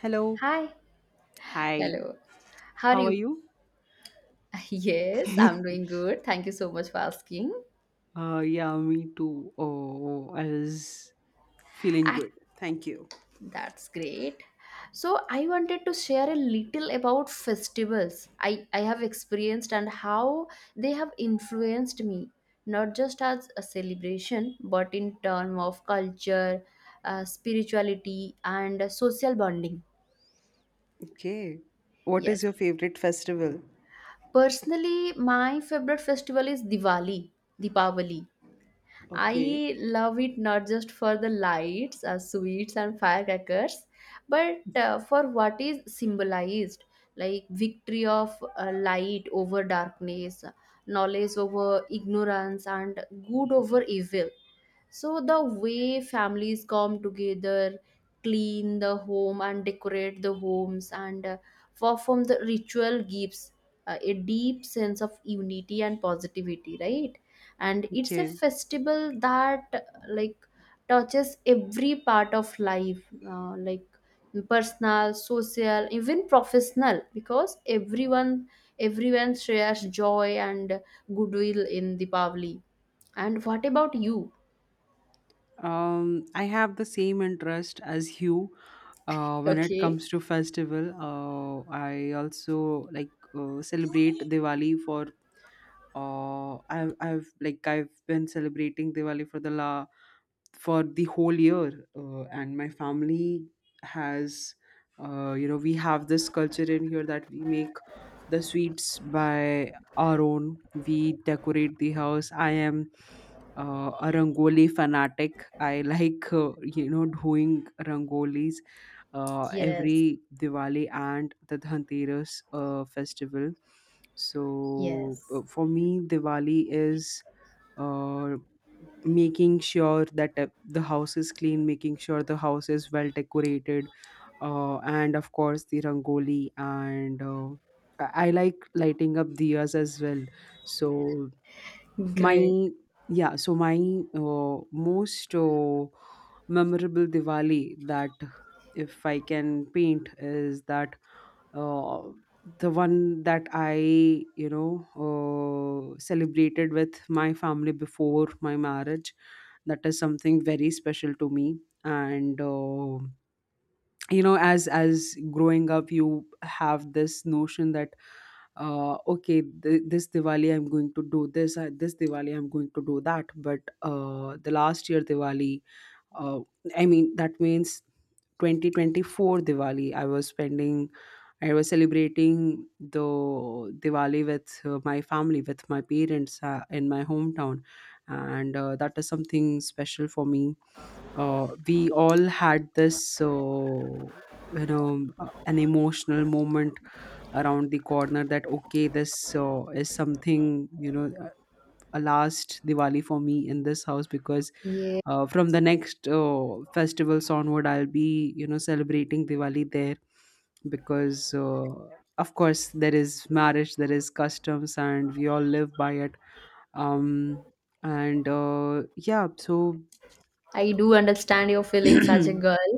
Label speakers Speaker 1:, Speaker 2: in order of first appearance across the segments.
Speaker 1: Hello.
Speaker 2: Hi.
Speaker 1: Hi,
Speaker 2: Hello. How are
Speaker 1: how are
Speaker 2: you?
Speaker 1: you?
Speaker 2: Yes, I'm doing good. Thank you so much for asking.
Speaker 1: Yeah, me too. Oh, I was feeling
Speaker 2: Ah,
Speaker 1: good. Thank you.
Speaker 2: that's great. So I wanted to share a little about festivals I have experienced and how they have influenced me, not just as a celebration, but in term of culture, spirituality, and social bonding.
Speaker 1: Okay. What is
Speaker 2: Yes.
Speaker 1: your favorite festival?
Speaker 2: Personally, my favorite festival is Diwali, Deepavali.
Speaker 1: Okay.
Speaker 2: I love it not just for the lights, sweets, and firecrackers, but for what is symbolized like victory of light over darkness, knowledge over ignorance, and good over evil. So the way families come together, clean the home and decorate the homes and perform the ritual gives a deep sense of unity and positivity, right? And it's a
Speaker 1: Okay.
Speaker 2: festival that like touches every part of life, like personal, social, even professional, because everyone shares joy and goodwill in Deepavali. And what about you?
Speaker 1: I have the same interest as you. When it
Speaker 2: Okay.
Speaker 1: comes to festival, I also like celebrate Diwali for. I've been celebrating Diwali for the la for the whole year, and my family has, you know, we have this culture in here that we make the sweets by our own, we decorate the house. I am a rangoli fanatic. I like, you know, doing rangolis
Speaker 2: Yes.
Speaker 1: every Diwali and the Dhanteras festival. So
Speaker 2: Yes.
Speaker 1: for me, Diwali is uh, making sure that the house is clean, making sure the house is well decorated, and of course the rangoli and. I like lighting up diyas as well. So
Speaker 2: Great.
Speaker 1: my yeah so my most memorable diwali that, if I can paint, is that uh, the one that I, you know, celebrated with my family before my marriage. That is something very special to me. And you know, as growing up, you have this notion that okay, this diwali I'm going to do this, this diwali I'm going to do that. But the last year diwali, uh, I mean, that means 2024 diwali. I was celebrating the Diwali with my family, with my parents in my hometown, and that is something special for me. We all had this, you know, an emotional moment around the corner that okay, this is something, you know, a last Diwali for me in this house, because
Speaker 2: Yeah.
Speaker 1: from the next festivals onward, I'll be, you know, celebrating Diwali there, because of course there is marriage, there is customs, and we all live by it. Um, and Yeah, so
Speaker 2: I do understand your feelings as a girl.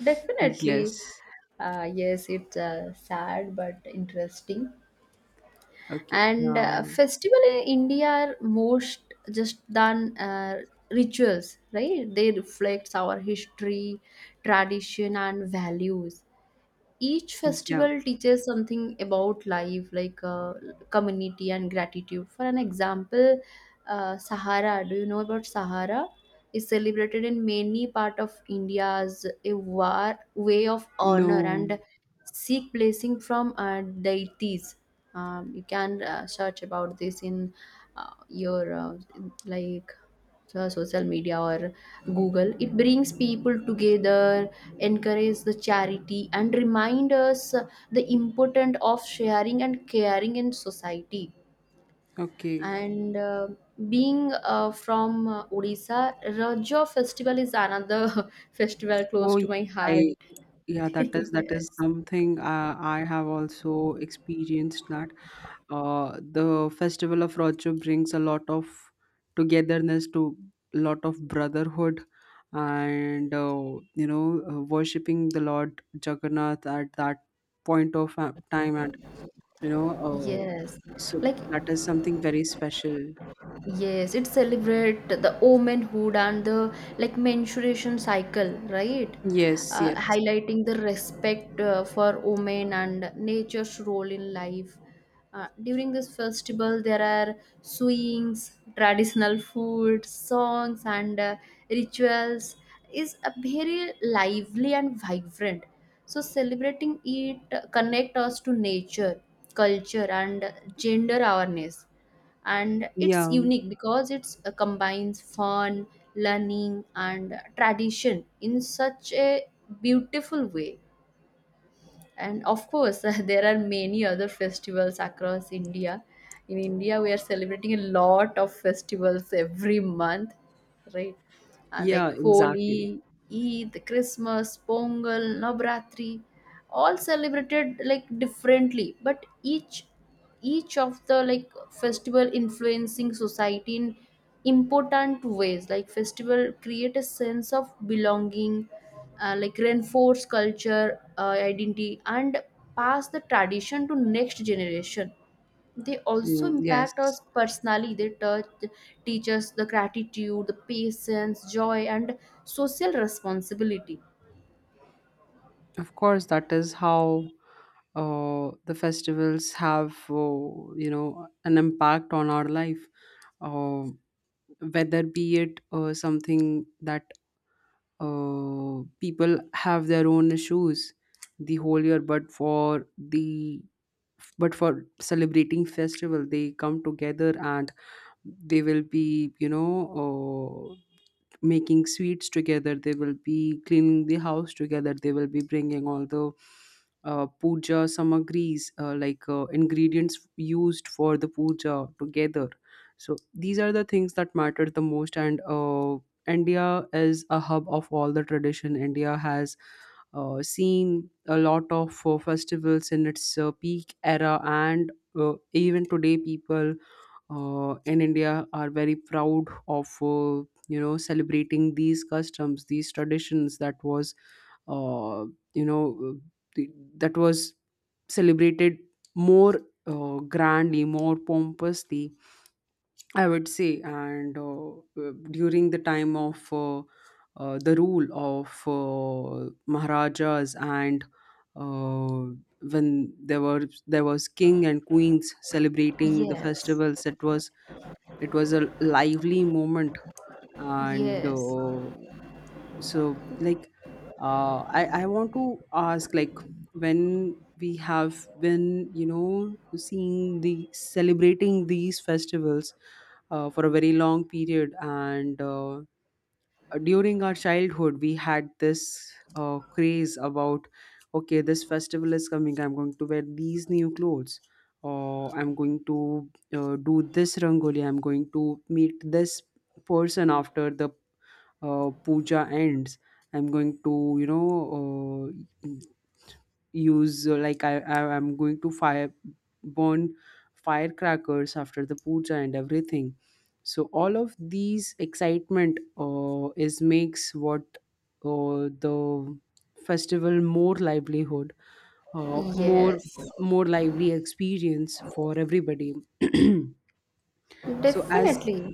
Speaker 2: Definitely.
Speaker 1: yes,
Speaker 2: Yes, it's sad but interesting.
Speaker 1: okay,
Speaker 2: And
Speaker 1: uh,
Speaker 2: festival in India are most just than rituals, right? They reflects our history, tradition, and values. Each
Speaker 1: yeah,
Speaker 2: festival teaches something about life like community and gratitude. For an example, sahara, do you know about sahara? Is celebrated in many part of India as a war, way of honor
Speaker 1: no,
Speaker 2: and seek blessing from deities. You can search about this in your like social media or Google. It brings people together, encourage the charity and remind us the importance of sharing and caring in society.
Speaker 1: okay.
Speaker 2: And being from Odisha, raja festival is another festival close
Speaker 1: Oh, yes,
Speaker 2: to my
Speaker 1: I
Speaker 2: heart.
Speaker 1: Yeah, that is
Speaker 2: Yes.
Speaker 1: something I have also experienced. That the festival of Rojo brings a lot of togetherness, to a lot of brotherhood, and worshipping the Lord Jagannath at that point of time. And you know uh,
Speaker 2: Yes.
Speaker 1: so
Speaker 2: Like,
Speaker 1: that is something very special.
Speaker 2: yes, it celebrate the womanhood and the like menstruation cycle, right?
Speaker 1: Yes, yes.
Speaker 2: Highlighting the respect for women and nature's role in life. During this festival, there are swings, traditional food, songs, and rituals. Is a very lively and vibrant. So celebrating it connect us to nature, culture, and gender awareness, and it's
Speaker 1: Yeah,
Speaker 2: unique because it's combines fun, learning and tradition in such a beautiful way. And of course there are many other festivals across India. In India we are celebrating a lot of festivals every month, right?
Speaker 1: yeah,
Speaker 2: Like
Speaker 1: exactly.
Speaker 2: Holi, Eid, Christmas, Pongal, Navratri, all celebrated like differently, but each of the like festival influencing society in important ways. Like festival create a sense of belonging, like reinforce culture identity and pass the tradition to next generation. They also
Speaker 1: Mm,
Speaker 2: impact
Speaker 1: yes.
Speaker 2: us personally. They touch, teach us the gratitude, the patience, joy and social responsibility.
Speaker 1: Of course, that is how the festivals have, you know, an impact on our life. Uh, Whether be it something that people have their own issues the whole year, but for the but for celebrating festival, they come together and they will be, you know, making sweets together, they will be cleaning the house together, they will be bringing all the puja samagris, like, ingredients used for the puja together. So these are the things that matter the most. And india is a hub of all the tradition. India has seen a lot of festivals in its peak era. And uh, even today, people in India are very proud of you know, celebrating these customs, these traditions that was uh, you know th- that was celebrated more grandly, more pompously, I would say. And during the time of, the rule of Maharajas. And uh, when there was king and queens celebrating the
Speaker 2: Yes.
Speaker 1: festivals, it was a lively moment. And
Speaker 2: Yes.
Speaker 1: so, I want to ask, like, when we have been, you know, seeing the celebrating these festivals for a very long period. And during our childhood, we had this craze about, okay, this festival is coming, I'm going to wear these new clothes, or I'm going to do this rangoli, I'm going to meet this person after the puja ends. I'm going to, you know, uh, use like I I'm going to fire burn firecrackers after the puja and everything. So all of these excitement is makes what uh, the festival more livelihood, uh, more
Speaker 2: Yes.
Speaker 1: more lively experience for everybody. So as
Speaker 2: Definitely.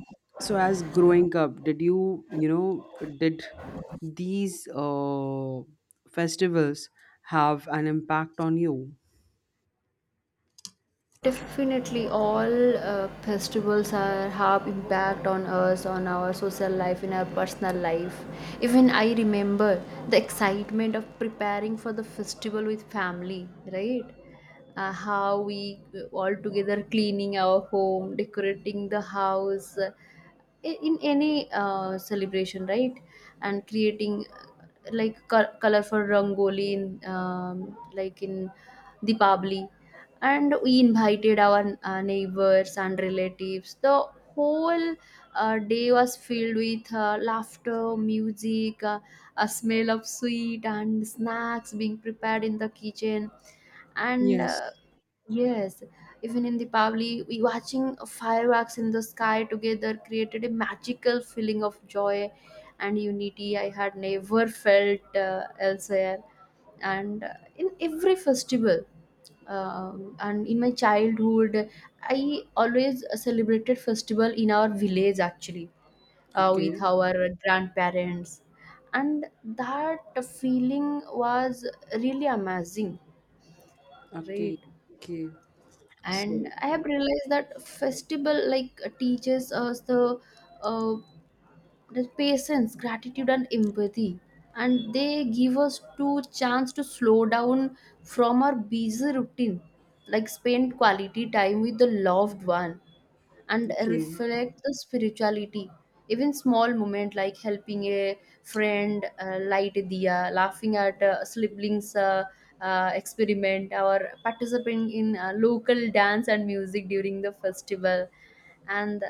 Speaker 1: growing up, did you, you know, did these festivals have an impact on you?
Speaker 2: Definitely, all festivals are have impact on us, on our social life, in our personal life. Even I remember the excitement of preparing for the festival with family, right? How we all together cleaning our home, decorating the house, in any celebration, right? And creating like colorful rangoli in like in Deepavali, and we invited our neighbors and relatives. The whole day was filled with laughter, music, a smell of sweet and snacks being prepared in the kitchen. And
Speaker 1: Yes.
Speaker 2: yes, even in Deepavali, we watching fireworks in the sky together created a magical feeling of joy and unity I had never felt elsewhere. And in every festival, and in my childhood, I always celebrated festival in our village actually
Speaker 1: Okay.
Speaker 2: with our grandparents, and that feeling was really amazing,
Speaker 1: Okay.
Speaker 2: right?
Speaker 1: Okay.
Speaker 2: And
Speaker 1: So
Speaker 2: I have realized that festival like teaches us uh, the patience, gratitude and empathy, and they give us two chance to slow down from our busy routine, like spend quality time with the loved one and
Speaker 1: okay.
Speaker 2: reflect the spirituality. Even small moment like helping a friend light a diya, laughing at a sibling's experiment, or participating in local dance and music during the festival and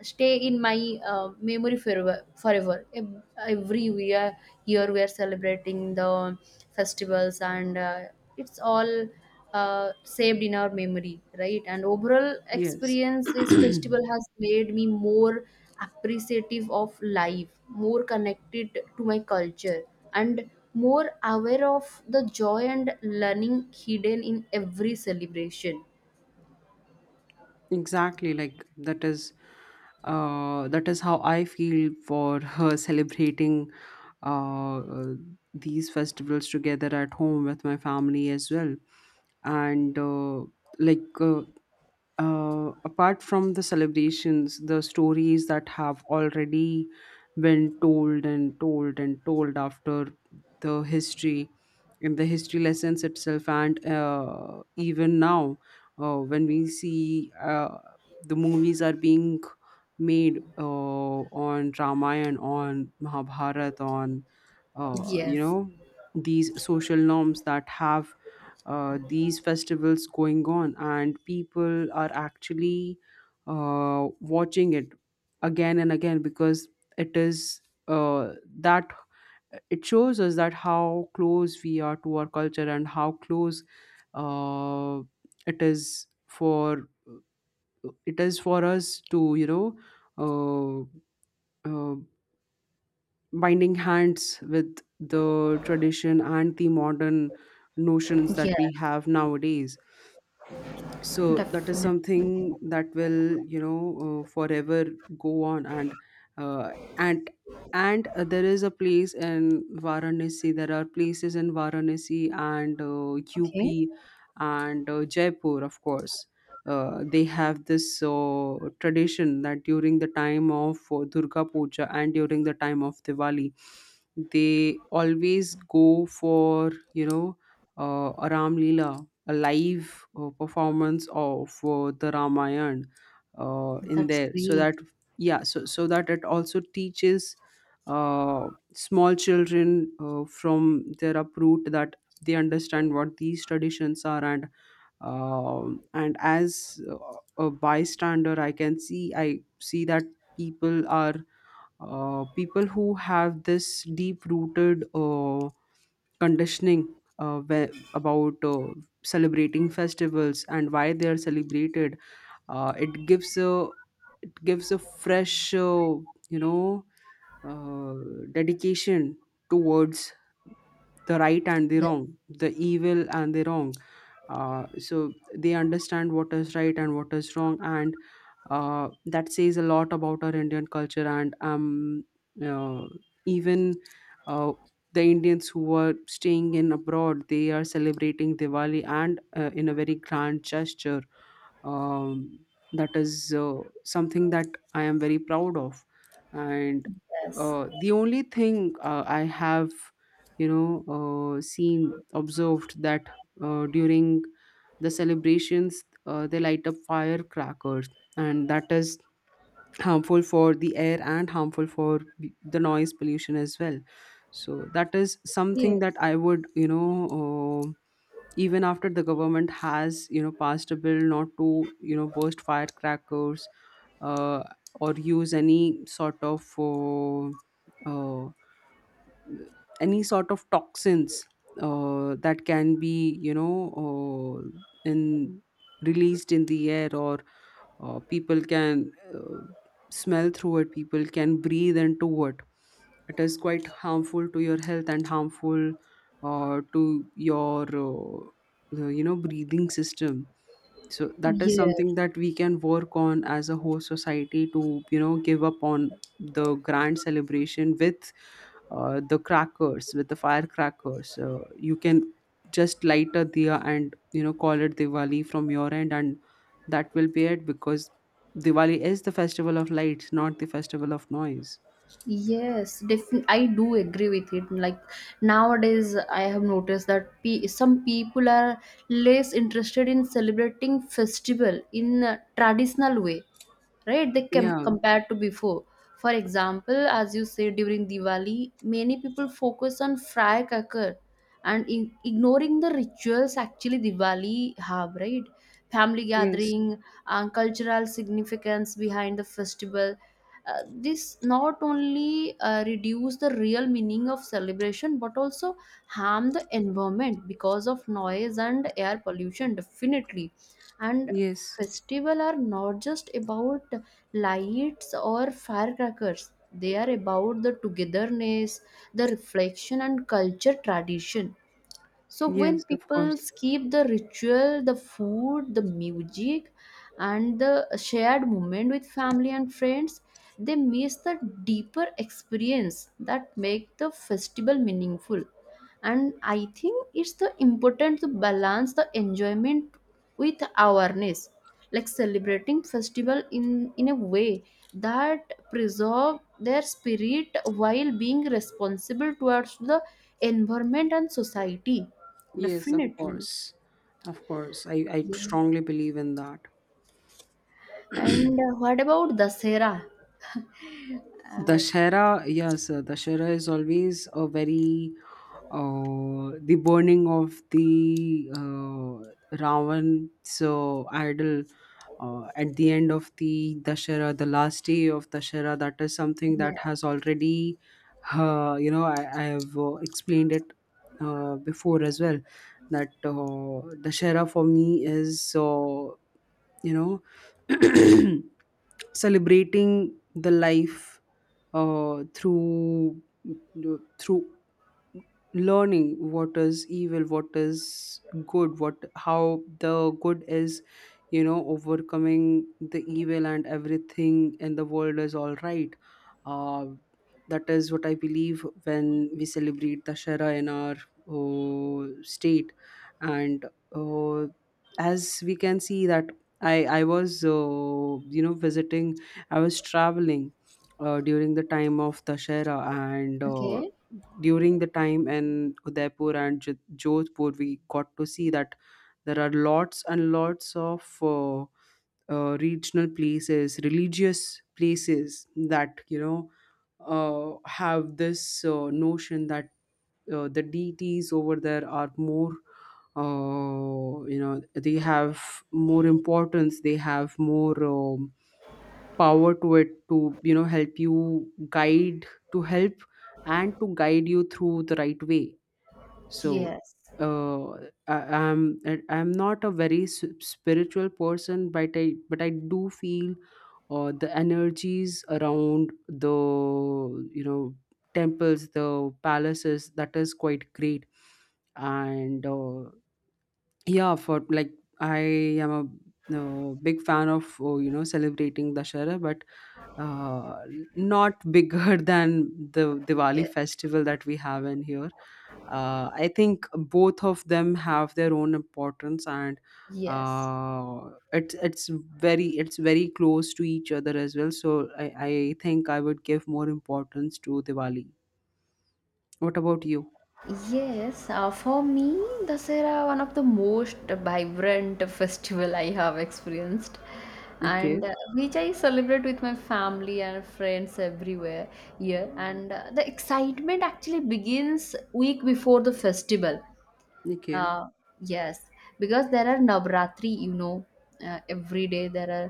Speaker 2: stay in my memory forever. Forever. Every year, year we are celebrating the festivals, and it's all saved in our memory, right? And overall
Speaker 1: Yes.
Speaker 2: experience, this festival has made me more appreciative of life, more connected to my culture, and more aware of the joy and learning hidden in every celebration.
Speaker 1: Exactly. Like that is how I feel for her, celebrating, uh, uh, these festivals together at home with my family as well. And like uh, apart from the celebrations, the stories that have already been told and told and told after the history, in the history lessons itself. And even now, when we see the movies are being made on Ramayana, on Mahabharata, on, uh, you
Speaker 2: Yes,
Speaker 1: know these social norms that have these festivals going on, and people are actually watching it again and again, because it is uh, that it shows us that how close we are to our culture, and how close uh, it is for us to, you know, uh, uh, binding hands with the tradition and the modern notions that we
Speaker 2: yes,
Speaker 1: have nowadays. So that is
Speaker 2: definitely.
Speaker 1: something that will, you know, forever go on. And uh, and there is a place in Varanasi, there are places in Varanasi and
Speaker 2: Okay,
Speaker 1: UP and Jaipur, of course. They have this tradition that during the time of Durga Puja and during the time of Diwali, they always go for, you know, a Ram Leela, a live performance of the Ramayana in
Speaker 2: that's
Speaker 1: there. So
Speaker 2: great.
Speaker 1: that, yeah, so that it also teaches uh, small children from their uproot, that they understand what these traditions are. And and as a bystander, I see that people are people who have this deep rooted conditioning about celebrating festivals and why they are celebrated, uh, it gives a it gives a fresh, you know uh, dedication towards the right and the
Speaker 2: Yes.
Speaker 1: wrong, the evil and the wrong. So they understand what is right and what is wrong. And that says a lot about our Indian culture. And uh, even uh, the Indians who are staying in abroad, they are celebrating Diwali and in a very grand gesture. Um, that is something that I am very proud of. And the only thing I have, you know, seen, observed, that during the celebrations they light up firecrackers, and that is harmful for the air, and harmful for the noise pollution as well. So that is something that
Speaker 2: Yes.
Speaker 1: I would, you know, uh, even after the government has, you know, passed a bill not to, you know, burst firecrackers, uh, or use uh, any sort of toxins that can be, you know, uh, in released in the air, or people can smell through it, people can breathe into it. It is quite harmful to your health, and harmful to your you know, breathing system. So that is something
Speaker 2: Yes,
Speaker 1: that we can work on as a whole society, to you know give up on the grand celebration with the crackers with the firecrackers. You can just light a diya and, you know, call it diwali from your end, and that will be it. Because diwali is the festival of lights, not the festival of noise.
Speaker 2: yes, yes. Definitely, I do agree with it. Like nowadays, I have noticed that some people are less interested in celebrating festival in a traditional way. Right, they can
Speaker 1: Yeah,
Speaker 2: compared to before. For example, as you say, during Diwali many people focus on firecracker and in, ignoring the rituals. Actually, Diwali have, right, family
Speaker 1: yes,
Speaker 2: gathering and cultural significance behind the festival. This not only reduce the real meaning of celebration but also harm the environment because of noise and air pollution, definitely. And
Speaker 1: yes.
Speaker 2: festival are not just about lights or firecrackers. They are about the togetherness, the reflection and culture tradition. So when
Speaker 1: Yes, of
Speaker 2: people
Speaker 1: course.
Speaker 2: keep the ritual, the food, the music and the shared moment with family and friends, they miss the deeper experience that make the festival meaningful. And I think it's the important to balance the enjoyment with awareness, like celebrating festival in a way that preserve their spirit while being responsible towards the environment and society.
Speaker 1: Yes, of
Speaker 2: Definitely.
Speaker 1: course. I
Speaker 2: Yeah.
Speaker 1: strongly believe in that.
Speaker 2: And what about Dasera? Uh,
Speaker 1: Dashera, yes, Dashera is always a very the burning of the Ravan, so idol at the end of the Dashera, the last day of Dashera. That is something
Speaker 2: yeah.
Speaker 1: that has already, you know, I have explained it before as well. That Dashera for me is, you know, celebrating the life uh, through through learning what is evil, what is good, what how the good is, you know, overcoming the evil, and everything in the world is all right. uh, that is what I believe when we celebrate dashera in our state. And uh, as we can see that, I was you know visiting I was traveling during the time of Dashera. And
Speaker 2: Okay.
Speaker 1: during the time in Udaipur and Jodhpur, we got to see that there are lots and lots of regional places, religious places, that you know have this notion that the deities over there are more. You know, they have more importance, they have more, power to it, to you know help you guide to help and to guide you through the right way. So
Speaker 2: Yes.
Speaker 1: uh, I'm not a very spiritual person, but I do feel the energies around the, you know, temples, the palaces. That is quite great. And yeah, for like I am a big fan of you know, celebrating Dashara, but uh, not bigger than the
Speaker 2: Yes.
Speaker 1: Diwali festival that we have in here. I think both of them have their own importance, and
Speaker 2: Yes.
Speaker 1: uh, it's it's it's very close to each other as well. So I think I would give more importance to Diwali. What about you?
Speaker 2: Yes. For me, Dasera one of the most vibrant festival I have experienced,
Speaker 1: Okay,
Speaker 2: and which I celebrate with my family and friends everywhere here. And the excitement actually begins week before the festival.
Speaker 1: okay.
Speaker 2: Uh, yes, because there are Navratri, you know, every day there are,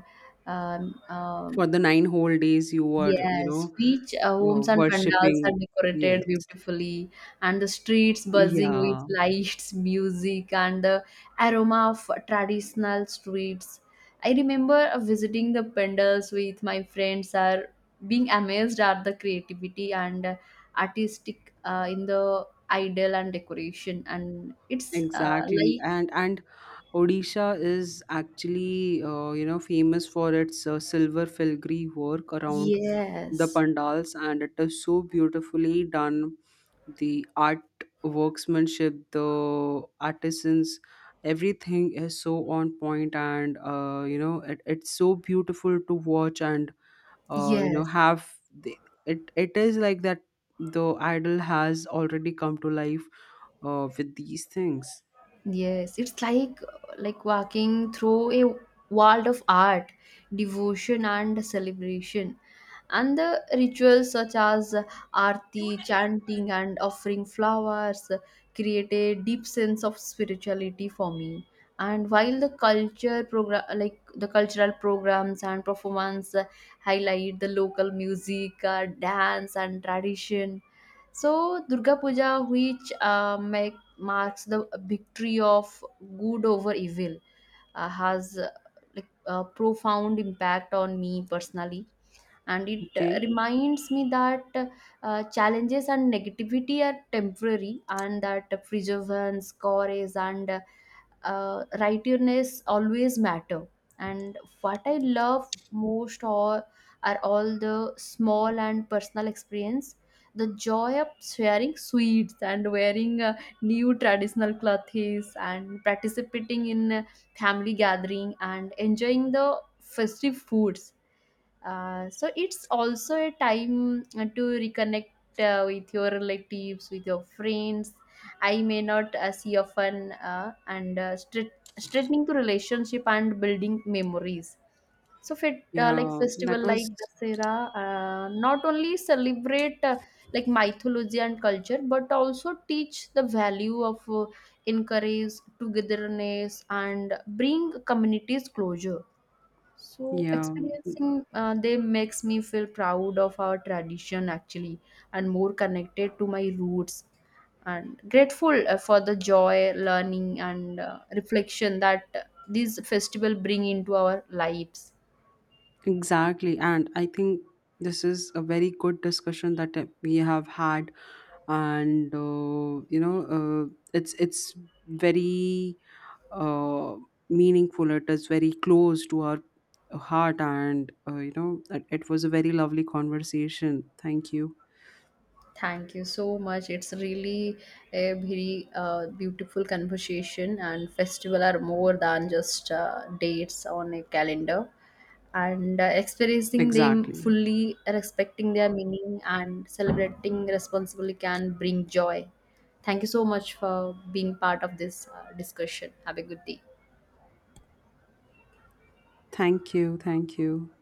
Speaker 1: For the 9 whole days, you were, you
Speaker 2: yes,
Speaker 1: know,
Speaker 2: which homes and pandals are
Speaker 1: worshipping.
Speaker 2: decorated
Speaker 1: Yes.
Speaker 2: beautifully, and the streets buzzing with
Speaker 1: Yeah,
Speaker 2: lights, music, and the aroma of traditional streets. I remember visiting the pandals with my friends, are being amazed at the creativity and artistic in the idol and decoration, and it's
Speaker 1: exactly.
Speaker 2: like
Speaker 1: And Odisha is actually, you know, famous for its silver filigree work around the
Speaker 2: yes.
Speaker 1: pandals, and it is so beautifully done. The art worksmanship, the artisans, everything is so on point. And you know, it's so beautiful to watch. And you know,
Speaker 2: Yes.
Speaker 1: have the, it. It is like that. The idol has already come to life with these things.
Speaker 2: Yes. It's like walking through a world of art, devotion and celebration. And the rituals such as arti, chanting and offering flowers create a deep sense of spirituality for me. And while the culture program like the cultural programs and performance highlight the local music, dance and tradition. So Durga Puja, which marks the victory of good over evil, has like a profound impact on me personally, and it
Speaker 1: Okay,
Speaker 2: reminds me that challenges and negativity are temporary, and that perseverance, courage, and rightness always matter. And what I love most or are all the small and personal experience, the joy of sharing sweets and wearing new traditional clothes and participating in family gathering and enjoying the festive foods. So it's also a time to reconnect with your relatives, with your friends I may not see often, and straightening the relationship and building memories. So fit like
Speaker 1: yeah, that
Speaker 2: festival like
Speaker 1: was.
Speaker 2: Dasera not only celebrate like mythology and culture but also teach the value of, encourage togetherness and bring communities closure. So
Speaker 1: Yeah,
Speaker 2: experiencing them makes me feel proud of our tradition actually, and more connected to my roots, and grateful for the joy, learning, and reflection that these festival bring into our lives.
Speaker 1: exactly. And I think this is a very good discussion that we have had. And you know, it's very uh, meaningful. It is very close to our heart. And you know, it was a very lovely conversation. Thank you.
Speaker 2: Thank you so much. It's really a very beautiful conversation, and festival are more than just dates on a calendar. And experiencing them
Speaker 1: Exactly.
Speaker 2: fully, respecting their meaning, and celebrating responsibly can bring joy. Thank you so much for being part of this discussion. Have a good day.
Speaker 1: Thank you. Thank you.